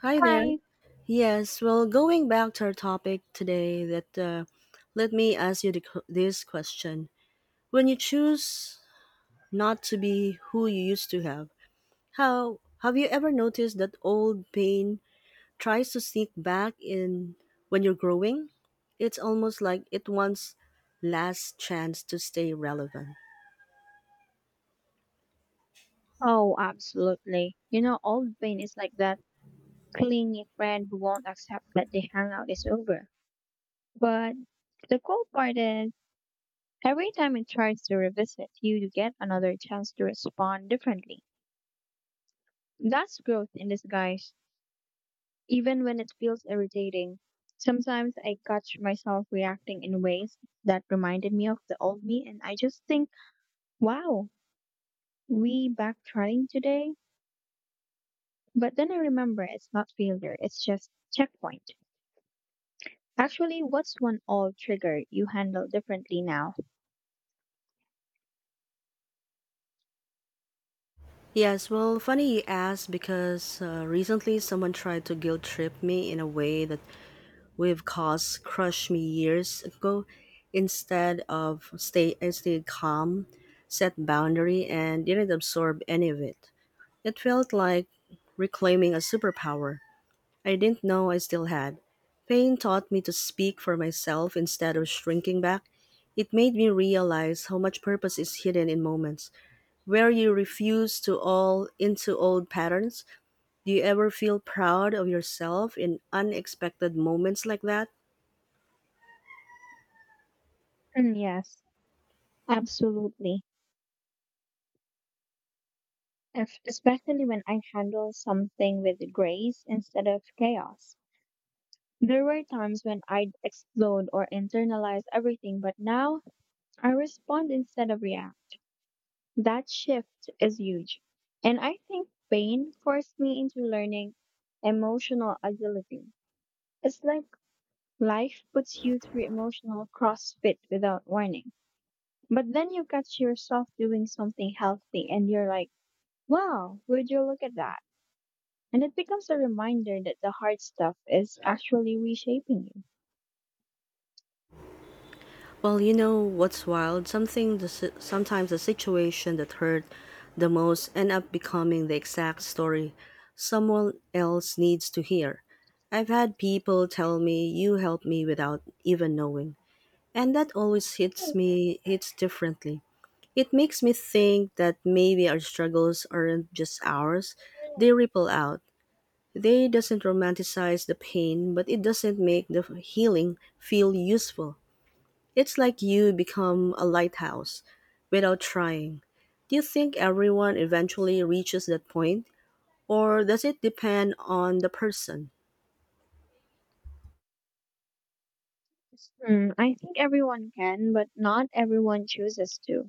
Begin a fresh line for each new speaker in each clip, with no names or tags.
Hi there.
Hi.
Yes, well, going back to our topic today, that let me ask you this question: When you choose not to be who you used to have, how have you ever noticed that old pain tries to sneak back in when you're growing? It's almost like it wants last chance to stay relevant.
Oh, absolutely. You know, old Bane is like that clingy friend who won't accept that the hangout is over. But the cool part is, every time it tries to revisit, you get another chance to respond differently. That's growth in disguise, even when it feels irritating. Sometimes I catch myself reacting in ways that reminded me of the old me, and I just think, wow, we backtracking today? But then I remember it's not failure, it's just checkpoint. Actually, what's one old trigger you handle differently now?
Yes, well, funny you ask because recently someone tried to guilt trip me in a way that we've caused crushed me years ago. Instead of stay, I stayed calm, set boundary, and didn't absorb any of it. It felt like reclaiming a superpower I didn't know I still had. Pain taught me to speak for myself instead of shrinking back. It made me realize how much purpose is hidden in moments where you refuse to all into old patterns. Do you ever feel proud of yourself in unexpected moments like that?
Mm, yes, absolutely. If, especially when I handle something with grace instead of chaos. There were times when I'd explode or internalize everything, but now I respond instead of react. That shift is huge. And I think pain forced me into learning emotional agility. It's like life puts you through emotional crossfit without warning. But then you catch yourself doing something healthy and you're like, wow, would you look at that? And it becomes a reminder that the hard stuff is actually reshaping you.
Well, you know what's wild? Something the, si- sometimes the situation that hurt the most end up becoming the exact story someone else needs to hear. I've had people tell me you helped me without even knowing, and that always hits me hits differently. It makes me think that maybe our struggles aren't just ours, they ripple out. They doesn't romanticize the pain, but it doesn't make the healing feel useful. It's like you become a lighthouse without trying. Do you think everyone eventually reaches that point, or does it depend on the person?
Hmm, I think everyone can, but not everyone chooses to.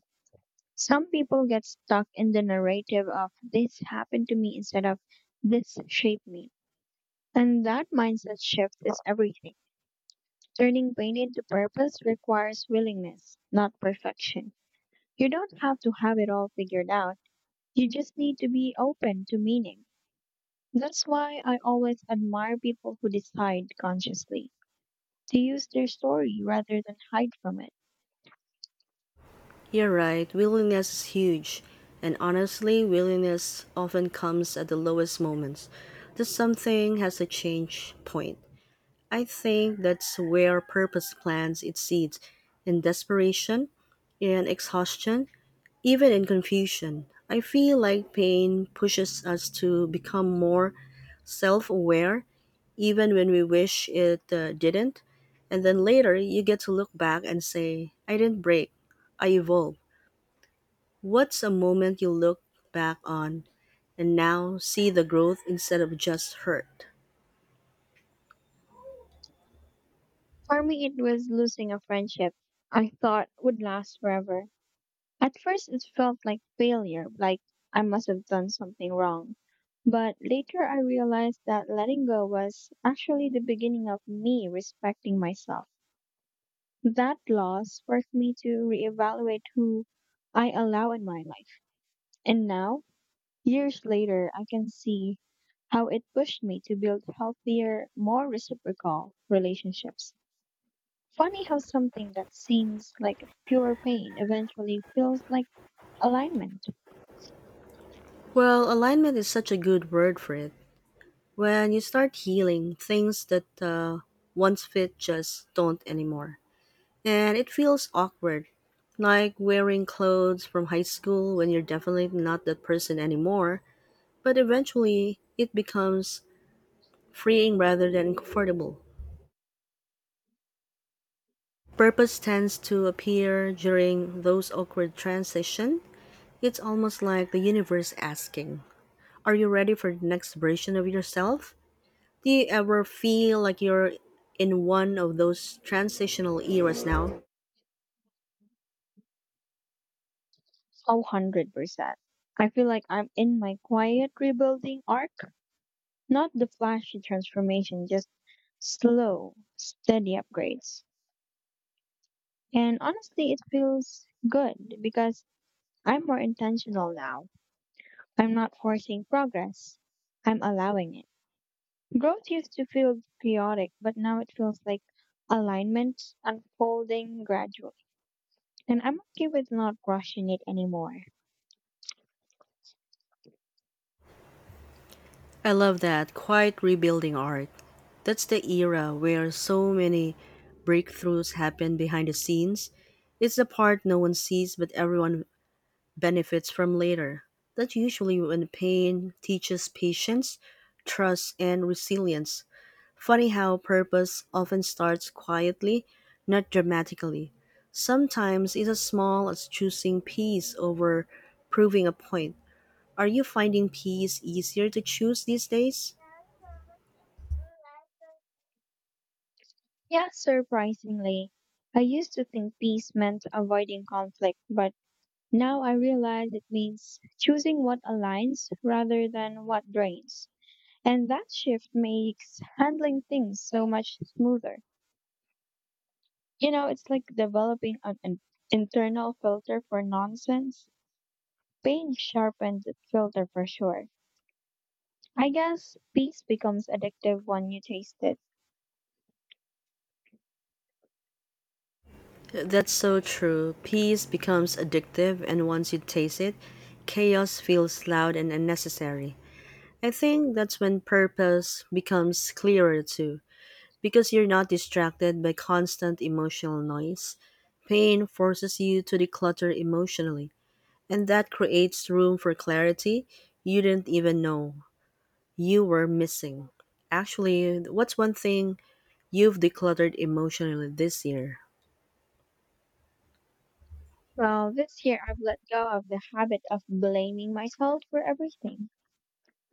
Some people get stuck in the narrative of this happened to me instead of this shaped me. And that mindset shift is everything. Turning pain into purpose requires willingness, not perfection. You don't have to have it all figured out. You just need to be open to meaning. That's why I always admire people who decide consciously to use their story rather than hide from it.
You're right, willingness is huge. And honestly, willingness often comes at the lowest moments. This something has a change point. I think that's where purpose plants its seeds in desperation and exhaustion. Even in confusion, I feel like pain pushes us to become more self aware, even when we wish it didn't. And then later, you get to look back and say, I didn't break, I evolved. What's a moment you look back on and now see the growth instead of just hurt?
For me, it was losing a friendship I thought would last forever. At first, it felt like failure, like I must have done something wrong. But later, I realized that letting go was actually the beginning of me respecting myself. That loss forced me to reevaluate who I allow in my life. And now, years later, I can see how it pushed me to build healthier, more reciprocal relationships. Funny how something that seems like pure pain eventually feels like alignment.
Well, alignment is such a good word for it. When you start healing, things that once fit just don't anymore. And it feels awkward, like wearing clothes from high school when you're definitely not that person anymore, but eventually it becomes freeing rather than comfortable. Purpose tends to appear during those awkward transition. It's almost like the universe asking, are you ready for the next version of yourself? Do you ever feel like you're in one of those transitional eras now?
Oh, 100%. I feel like I'm in my quiet rebuilding arc, not the flashy transformation, just slow, steady upgrades. And honestly, it feels good because I'm more intentional now. I'm not forcing progress, I'm allowing it. Growth used to feel chaotic, but now it feels like alignment unfolding gradually. And I'm okay with not rushing it anymore.
I love that quiet rebuilding art. That's the era where so many breakthroughs happen behind the scenes. It's the part no one sees but everyone benefits from later. That's usually when pain teaches patience, trust, and resilience. Funny how purpose often starts quietly, not dramatically. Sometimes it's as small as choosing peace over proving a point. Are you finding peace easier to choose these days?
Yeah, surprisingly. I used to think peace meant avoiding conflict, but now I realize it means choosing what aligns rather than what drains. And that shift makes handling things so much smoother. You know, it's like developing an internal filter for nonsense. Pain sharpens the filter for sure. I guess peace becomes addictive when you taste it.
That's so true. Peace becomes addictive, and once you taste it, chaos feels loud and unnecessary. I think that's when purpose becomes clearer too, because you're not distracted by constant emotional noise. Pain forces you to declutter emotionally, and that creates room for clarity you didn't even know you were missing. Actually, what's one thing you've decluttered emotionally this year?
Well, this year I've let go of the habit of blaming myself for everything.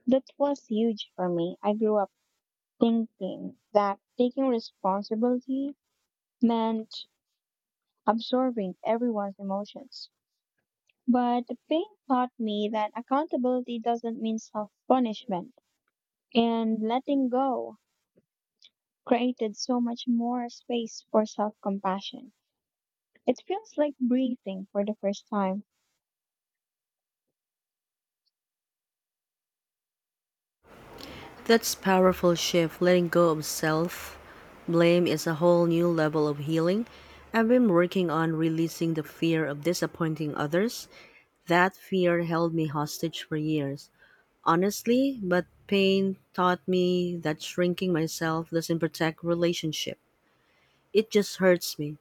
That was huge for me. I grew up thinking that taking responsibility meant absorbing everyone's emotions. But the pain taught me that accountability doesn't mean self punishment, and letting go created so much more space for self compassion. It feels like breathing for the first time.
That's powerful shift. Letting go of self blame is a whole new level of healing. I've been working on releasing the fear of disappointing others. That fear held me hostage for years. Honestly, but pain taught me that shrinking myself doesn't protect relationship. It just hurts me.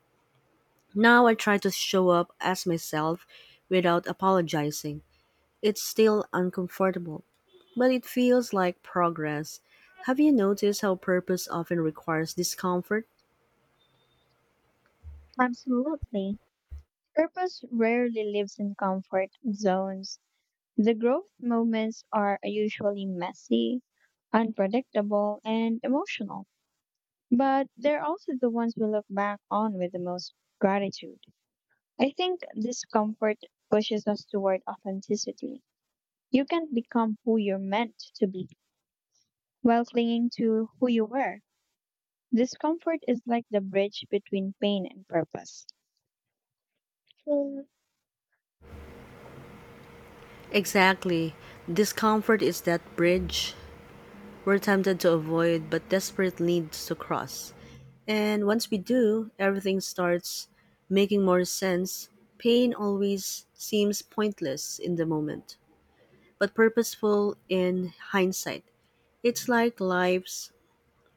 Now I try to show up as myself without apologizing. It's still uncomfortable, but it feels like progress. Have you noticed how purpose often requires discomfort?
Absolutely. Purpose rarely lives in comfort zones. The growth moments are usually messy, unpredictable, and emotional, but they're also the ones we look back on with the most gratitude. I think discomfort pushes us toward authenticity. You can't become who you're meant to be while clinging to who you were. Discomfort is like the bridge between pain and purpose. Mm.
Exactly. Discomfort is that bridge we're tempted to avoid but desperate needs to cross. And once we do, everything starts making more sense. Pain always seems pointless in the moment, but purposeful in hindsight. It's like life's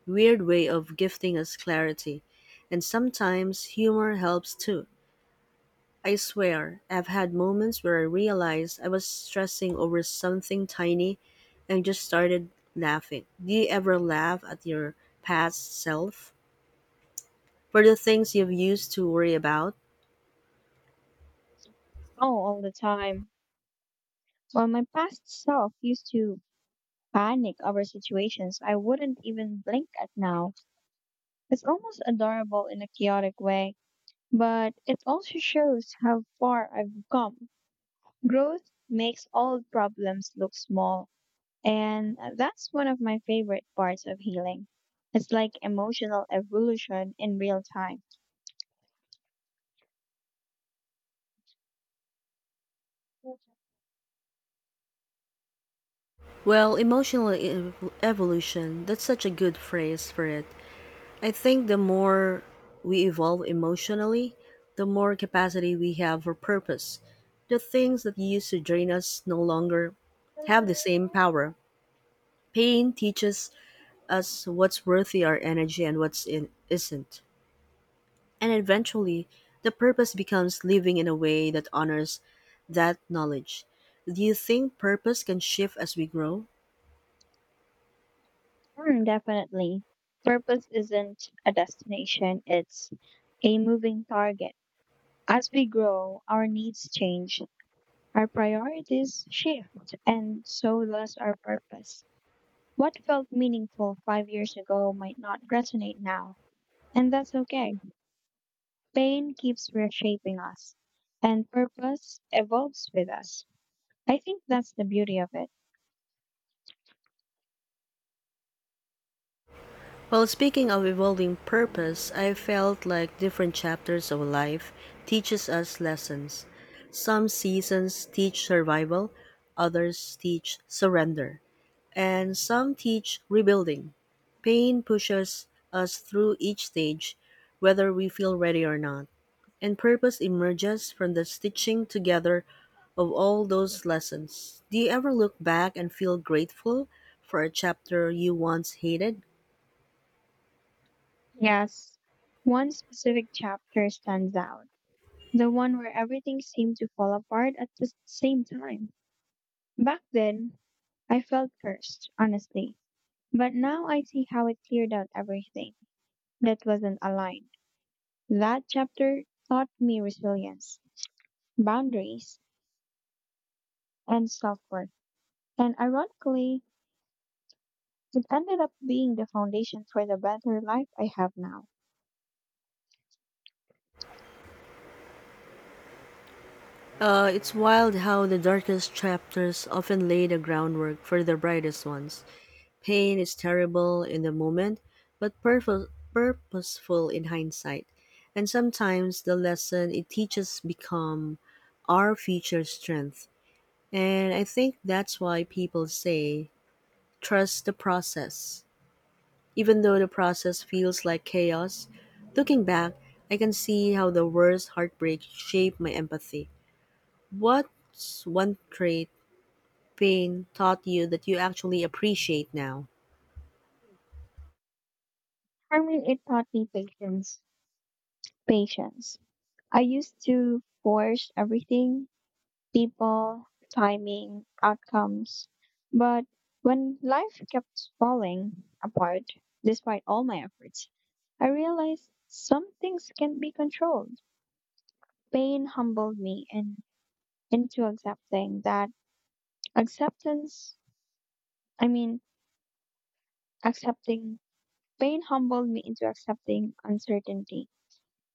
weird way of gifting us clarity. And sometimes humor helps too. I swear, I've had moments where I realized I was stressing over something tiny and just started laughing. Do you ever laugh at your past self for the things you've used to worry about?
Oh, all the time. Well, my past self used to panic over situations I wouldn't even blink at now. It's almost adorable in a chaotic way, but it also shows how far I've come. Growth makes all problems look small, and that's one of my favorite parts of healing. It's like emotional evolution in real time.
Well, evolution, that's such a good phrase for it. I think the more we evolve emotionally, the more capacity we have for purpose. The things that used to drain us no longer have the same power. Pain teaches as what's worthy our energy and what's in isn't. And eventually, the purpose becomes living in a way that honors that knowledge. Do you think purpose can shift as we grow?
Hmm, definitely. Purpose isn't a destination, it's a moving target. As we grow, our needs change, our priorities shift, and so does our purpose. What felt meaningful 5 years ago might not resonate now, and that's okay. Pain keeps reshaping us, and purpose evolves with us. I think that's the beauty of it.
Well, speaking of evolving purpose, I felt like different chapters of life teaches us lessons. Some seasons teach survival, others teach surrender, and some teach rebuilding. Pain pushes us through each stage, whether we feel ready or not, and purpose emerges from the stitching together of all those lessons. Do you ever look back and feel grateful for a chapter you once hated?
Yes, one specific chapter stands out, the one where everything seemed to fall apart at the same time. Back then, I felt cursed, honestly, but now I see how it cleared out everything that wasn't aligned. That chapter taught me resilience, boundaries, and self worth. And ironically, it ended up being the foundation for the better life I have now.
It's wild how the darkest chapters often lay the groundwork for the brightest ones. Pain is terrible in the moment, but purposeful in hindsight. And sometimes the lesson it teaches become our future strength. And I think that's why people say trust the process. Even though the process feels like chaos, looking back, I can see how the worst heartbreak shaped my empathy. What's one trait pain taught you that you actually appreciate now?
I mean, it taught me patience. Patience. I used to force everything, people, timing, outcomes. But when life kept falling apart, despite all my efforts, I realized some things can be controlled. Pain humbled me in, into accepting that acceptance, I mean, accepting, Pain humbled me into accepting uncertainty.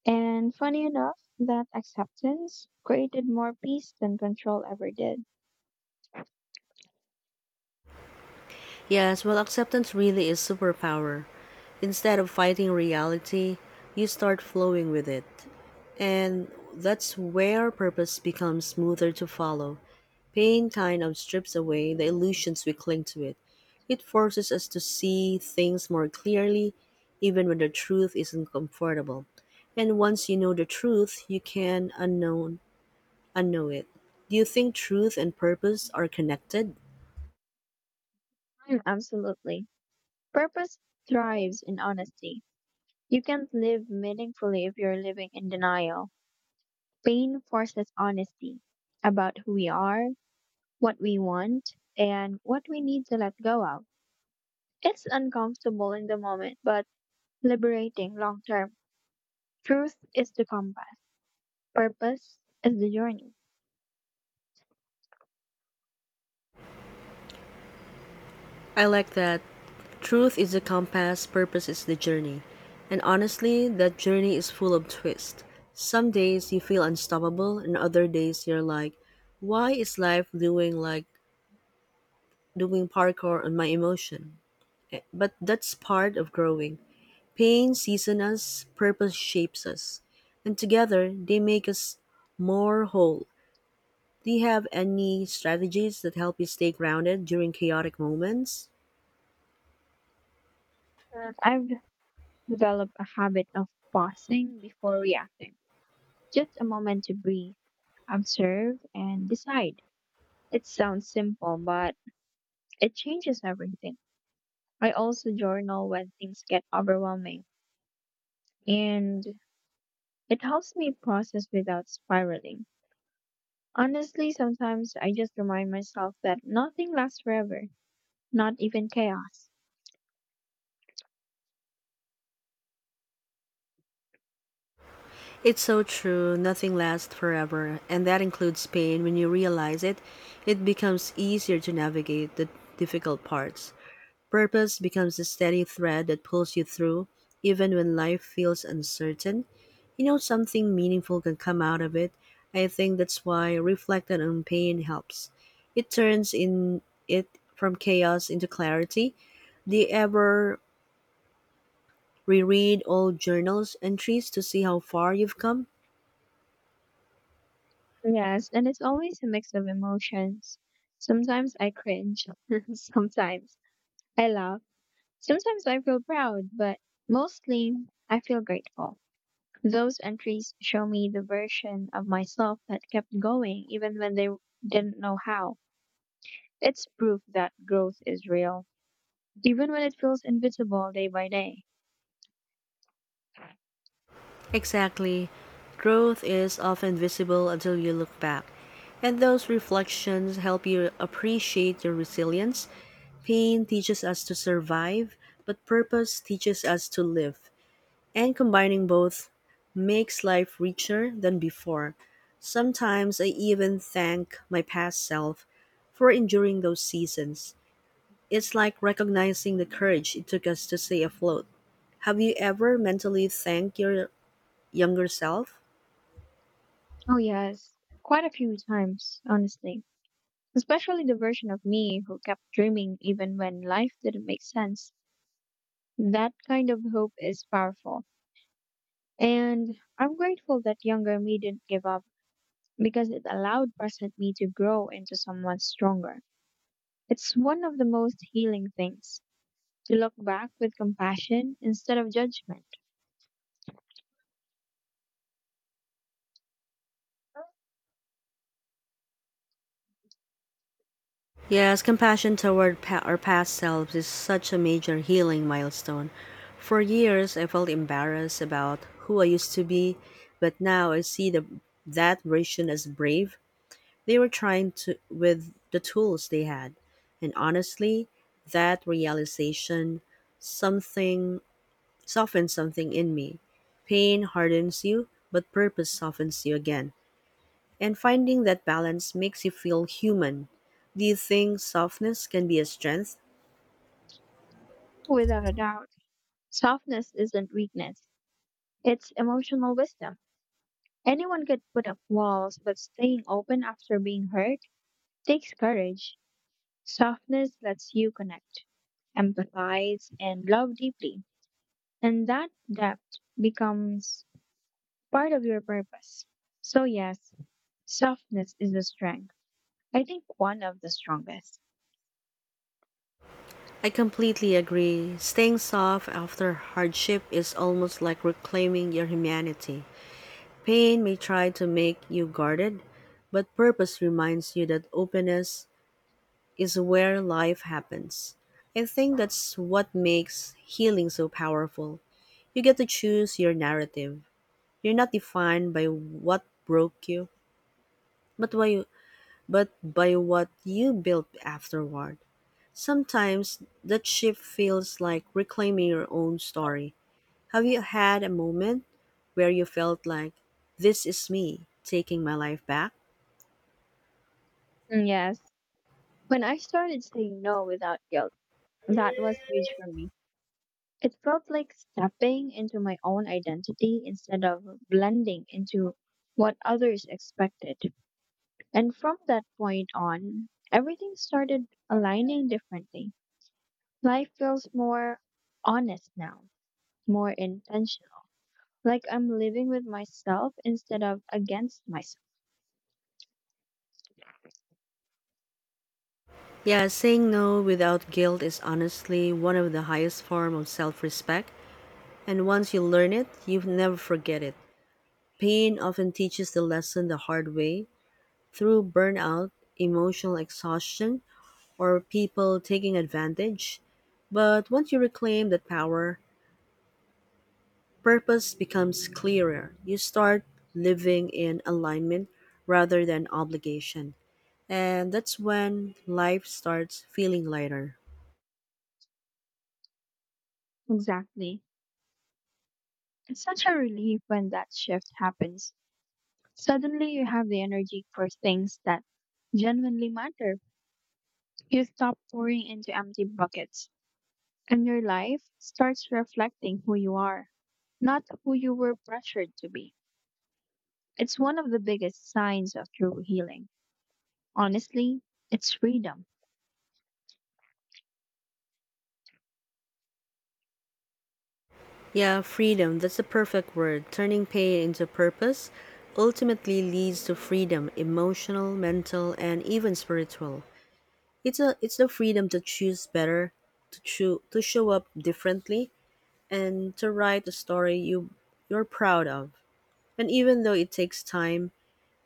And funny enough, that acceptance created more peace than control ever did.
Yes, well, acceptance really is superpower. Instead of fighting reality, you start flowing with it. And that's where purpose becomes smoother to follow. Pain kind of strips away the illusions we cling to it. It forces us to see things more clearly, even when the truth isn't comfortable. And once you know the truth, you can unknow it. Do you think truth and purpose are connected?
Mm, absolutely. Purpose thrives in honesty. You can't live meaningfully if you're living in denial. Pain forces honesty about who we are, what we want, and what we need to let go of. It's uncomfortable in the moment, but liberating long term. Truth is the compass, purpose is the journey.
I like that. Truth is the compass, purpose is the journey. And honestly, that journey is full of twists. Some days you feel unstoppable, and other days you're like, why is life doing parkour on my emotion? But that's part of growing. Pain seasons us, purpose shapes us, and together they make us more whole. Do you have any strategies that help you stay grounded during chaotic moments?
And I've develop a habit of pausing before reacting. Just a moment to breathe, observe, and decide. It sounds simple, but it changes everything. I also journal when things get overwhelming, and it helps me process without spiraling. Honestly, sometimes I just remind myself that nothing lasts forever, not even chaos.
It's so true, nothing lasts forever, and that includes pain. When you realize it, it becomes easier to navigate the difficult parts. Purpose becomes the steady thread that pulls you through, even when life feels uncertain. You know, something meaningful can come out of it. I think that's why reflecting on pain helps. It turns in it from chaos into clarity. Do you ever reread old journals entries to see how far you've come?
Yes, and it's always a mix of emotions. Sometimes I cringe, sometimes I laugh. Sometimes I feel proud, but mostly I feel grateful. Those entries show me the version of myself that kept going even when they didn't know how. It's proof that growth is real, even when it feels invisible day by day.
Exactly. Growth is often visible until you look back, and those reflections help you appreciate your resilience. Pain teaches us to survive, but purpose teaches us to live. And combining both makes life richer than before. Sometimes I even thank my past self for enduring those seasons. It's like recognizing the courage it took us to stay afloat. Have you ever mentally thanked your younger self?
Oh, yes, quite a few times, honestly. Especially the version of me who kept dreaming even when life didn't make sense. That kind of hope is powerful. And I'm grateful that younger me didn't give up because it allowed present me to grow into someone stronger. It's one of the most healing things to look back with compassion instead of judgment.
Yes, compassion toward our past selves is such a major healing milestone. For years, I felt embarrassed about who I used to be, but now I see that version as brave. They were trying to with the tools they had. And honestly, that realization something softens something in me. Pain hardens you, but purpose softens you again. And finding that balance makes you feel human. Do you think softness can be a strength?
Without a doubt, softness isn't weakness, it's emotional wisdom. Anyone could put up walls, but staying open after being hurt takes courage. Softness lets you connect, empathize, and love deeply. And that depth becomes part of your purpose. So, yes, softness is a strength. I think one of the strongest.
I completely agree. Staying soft after hardship is almost like reclaiming your humanity. Pain may try to make you guarded, but purpose reminds you that openness is where life happens. I think that's what makes healing so powerful. You get to choose your narrative. You're not defined by what broke you, but by but by what you built afterward. Sometimes that shift feels like reclaiming your own story. Have you had a moment where you felt like, this is me taking my life back?
Mm, yes, when I started saying no without guilt, that was huge for me. It felt like stepping into my own identity instead of blending into what others expected. And from that point on, everything started aligning differently. Life feels more honest now, more intentional, like I'm living with myself instead of against myself.
Yeah, saying no without guilt is honestly one of the highest form of self-respect, and once you learn it, you never forget it. Pain often teaches the lesson the hard way, through burnout, emotional exhaustion, or people taking advantage. But once you reclaim that power, purpose becomes clearer. You start living in alignment rather than obligation. And that's when life starts feeling lighter.
Exactly. It's such a relief when that shift happens. Suddenly, you have the energy for things that genuinely matter. You stop pouring into empty buckets, and your life starts reflecting who you are, not who you were pressured to be. It's one of the biggest signs of true healing. Honestly, it's freedom.
Yeah, freedom, that's the perfect word. Turning pain into purpose ultimately leads to freedom, emotional, mental, and even spiritual. It's the freedom to choose better, to show up differently, and to write a story you're proud of. And even though it takes time,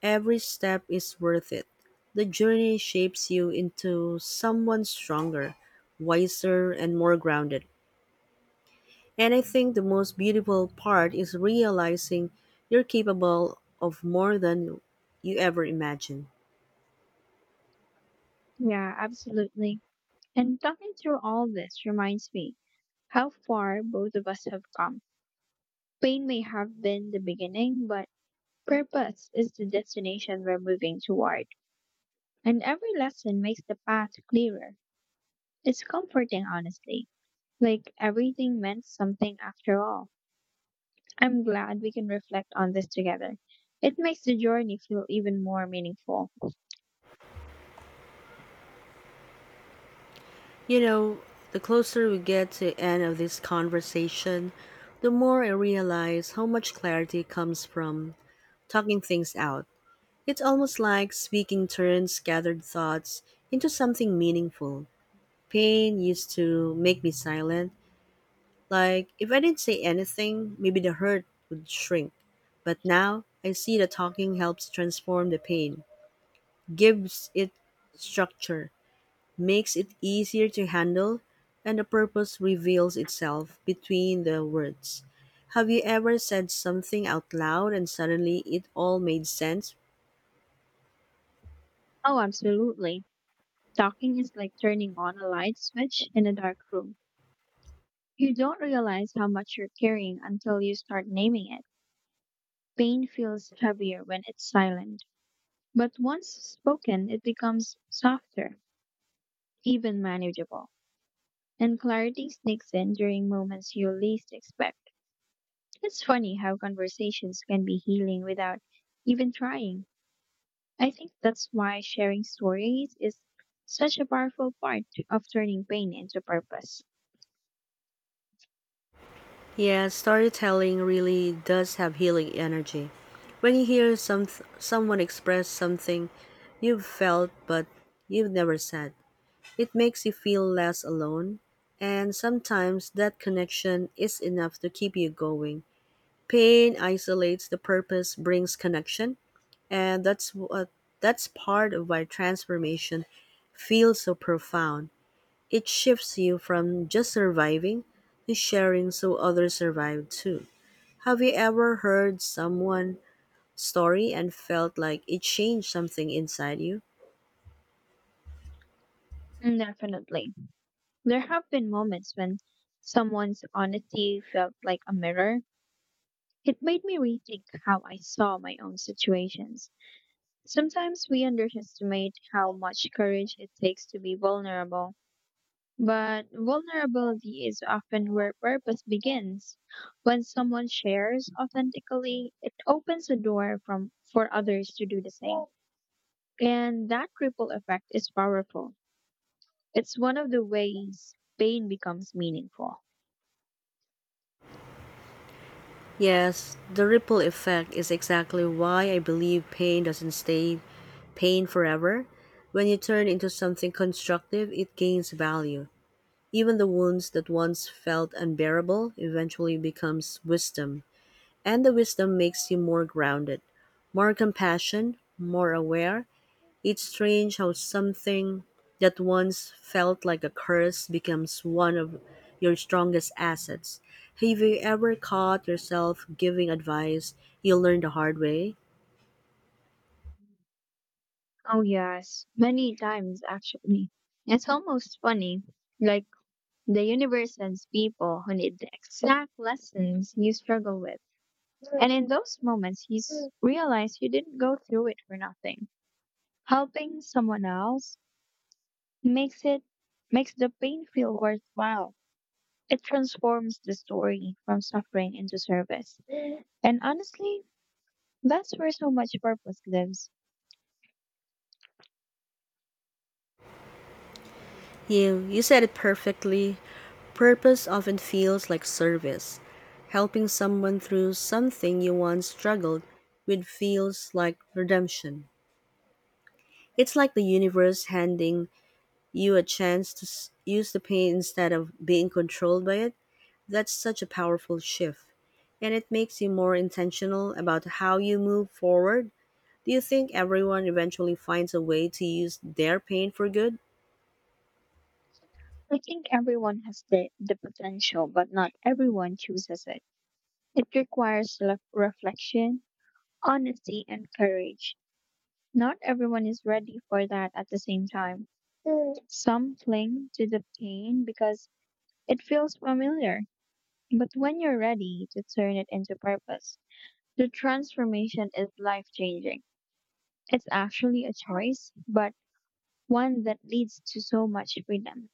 every step is worth it. The journey shapes you into someone stronger, wiser, and more grounded. And I think the most beautiful part is realizing you're capable of more than you ever imagined.
Yeah, absolutely. And talking through all this reminds me how far both of us have come. Pain may have been the beginning, but purpose is the destination we're moving toward. And every lesson makes the path clearer. It's comforting, honestly. Like everything meant something after all. I'm glad we can reflect on this together. It makes the journey feel even more meaningful.
You know, the closer we get to the end of this conversation, the more I realize how much clarity comes from talking things out. It's almost like speaking turns scattered thoughts into something meaningful. Pain used to make me silent, like if I didn't say anything, maybe the hurt would shrink. But now I see that talking helps transform the pain, gives it structure, makes it easier to handle, and the purpose reveals itself between the words. Have you ever said something out loud and suddenly it all made sense?
Oh, absolutely. Talking is like turning on a light switch in a dark room. You don't realize how much you're carrying until you start naming it. Pain feels heavier when it's silent, but once spoken, it becomes softer, even manageable. And clarity sneaks in during moments you least expect. It's funny how conversations can be healing without even trying. I think that's why sharing stories is such a powerful part of turning pain into purpose.
Yeah, storytelling really does have healing energy. When you hear someone express something you've felt but you've never said, it makes you feel less alone, and sometimes that connection is enough to keep you going. Pain isolates the purpose brings connection, and that's part of why transformation feels so profound. It shifts you from just surviving to sharing so others survive too. Have you ever heard someone's story and felt like it changed something inside you?
Mm, definitely. There have been moments when someone's honesty felt like a mirror. It made me rethink how I saw my own situations. Sometimes we underestimate how much courage it takes to be vulnerable. But vulnerability is often where purpose begins. When someone shares authentically, it opens a door for others to do the same. And that ripple effect is powerful. It's one of the ways pain becomes meaningful.
Yes, the ripple effect is exactly why I believe pain doesn't stay pain forever. When you turn into something constructive, it gains value. Even the wounds that once felt unbearable eventually becomes wisdom, and the wisdom makes you more grounded, more compassion, more aware. It's strange how something that once felt like a curse becomes one of your strongest assets. Have you ever caught yourself giving advice you learned the hard way?
Oh, yes, many times actually. It's almost funny. Like the universe sends people who need the exact lessons you struggle with. And in those moments, you realize you didn't go through it for nothing. Helping someone else makes it makes the pain feel worthwhile. It transforms the story from suffering into service. And honestly, that's where so much purpose lives.
You said it perfectly. Purpose often feels like service. Helping someone through something you once struggled with feels like redemption. It's like the universe handing you a chance to use the pain instead of being controlled by it. That's such a powerful shift. And it makes you more intentional about how you move forward. Do you think everyone eventually finds a way to use their pain for good?
I think everyone has the potential, but not everyone chooses it. It requires reflection, honesty, and courage. Not everyone is ready for that at the same time. Some cling to the pain because it feels familiar. But when you're ready to turn it into purpose, the transformation is life changing. It's actually a choice, but one that leads to so much freedom.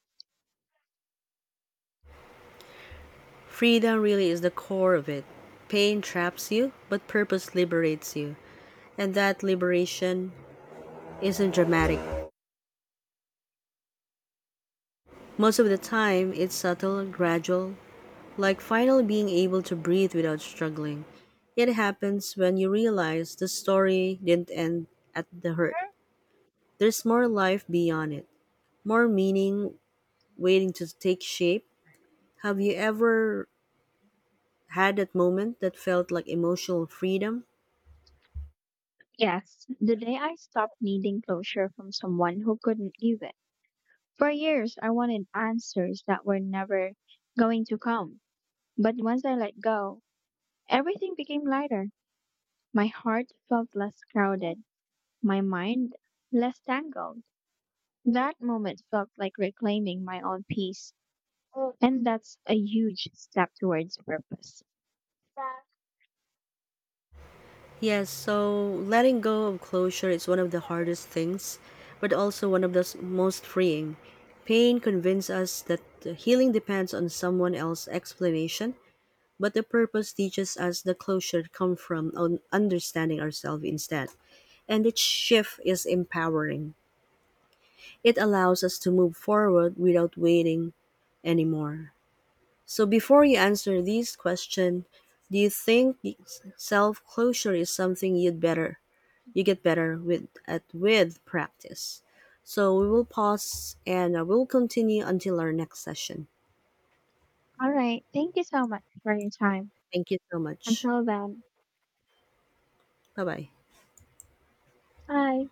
Freedom really is the core of it. Pain traps you, but purpose liberates you. And that liberation isn't dramatic. Most of the time, it's subtle, gradual, like finally being able to breathe without struggling. It happens when you realize the story didn't end at the hurt. There's more life beyond it, more meaning waiting to take shape. Have you ever had that moment that felt like emotional freedom?
Yes, the day I stopped needing closure from someone who couldn't give it. For years, I wanted answers that were never going to come. But once I let go, everything became lighter. My heart felt less crowded, my mind less tangled. That moment felt like reclaiming my own peace. And that's a huge step towards purpose.
Yes, so letting go of closure is one of the hardest things, but also one of the most freeing. Pain convinces us that the healing depends on someone else's explanation, but the purpose teaches us the closure comes from understanding ourselves instead. And each shift is empowering. It allows us to move forward without waiting anymore. So before you answer this question, do you think self-closure is something you get better with at with practice. So we will pause and we'll continue until our next session.
All right. Thank you so much for your time.
Thank you so much.
Until then,
Bye bye.
bye.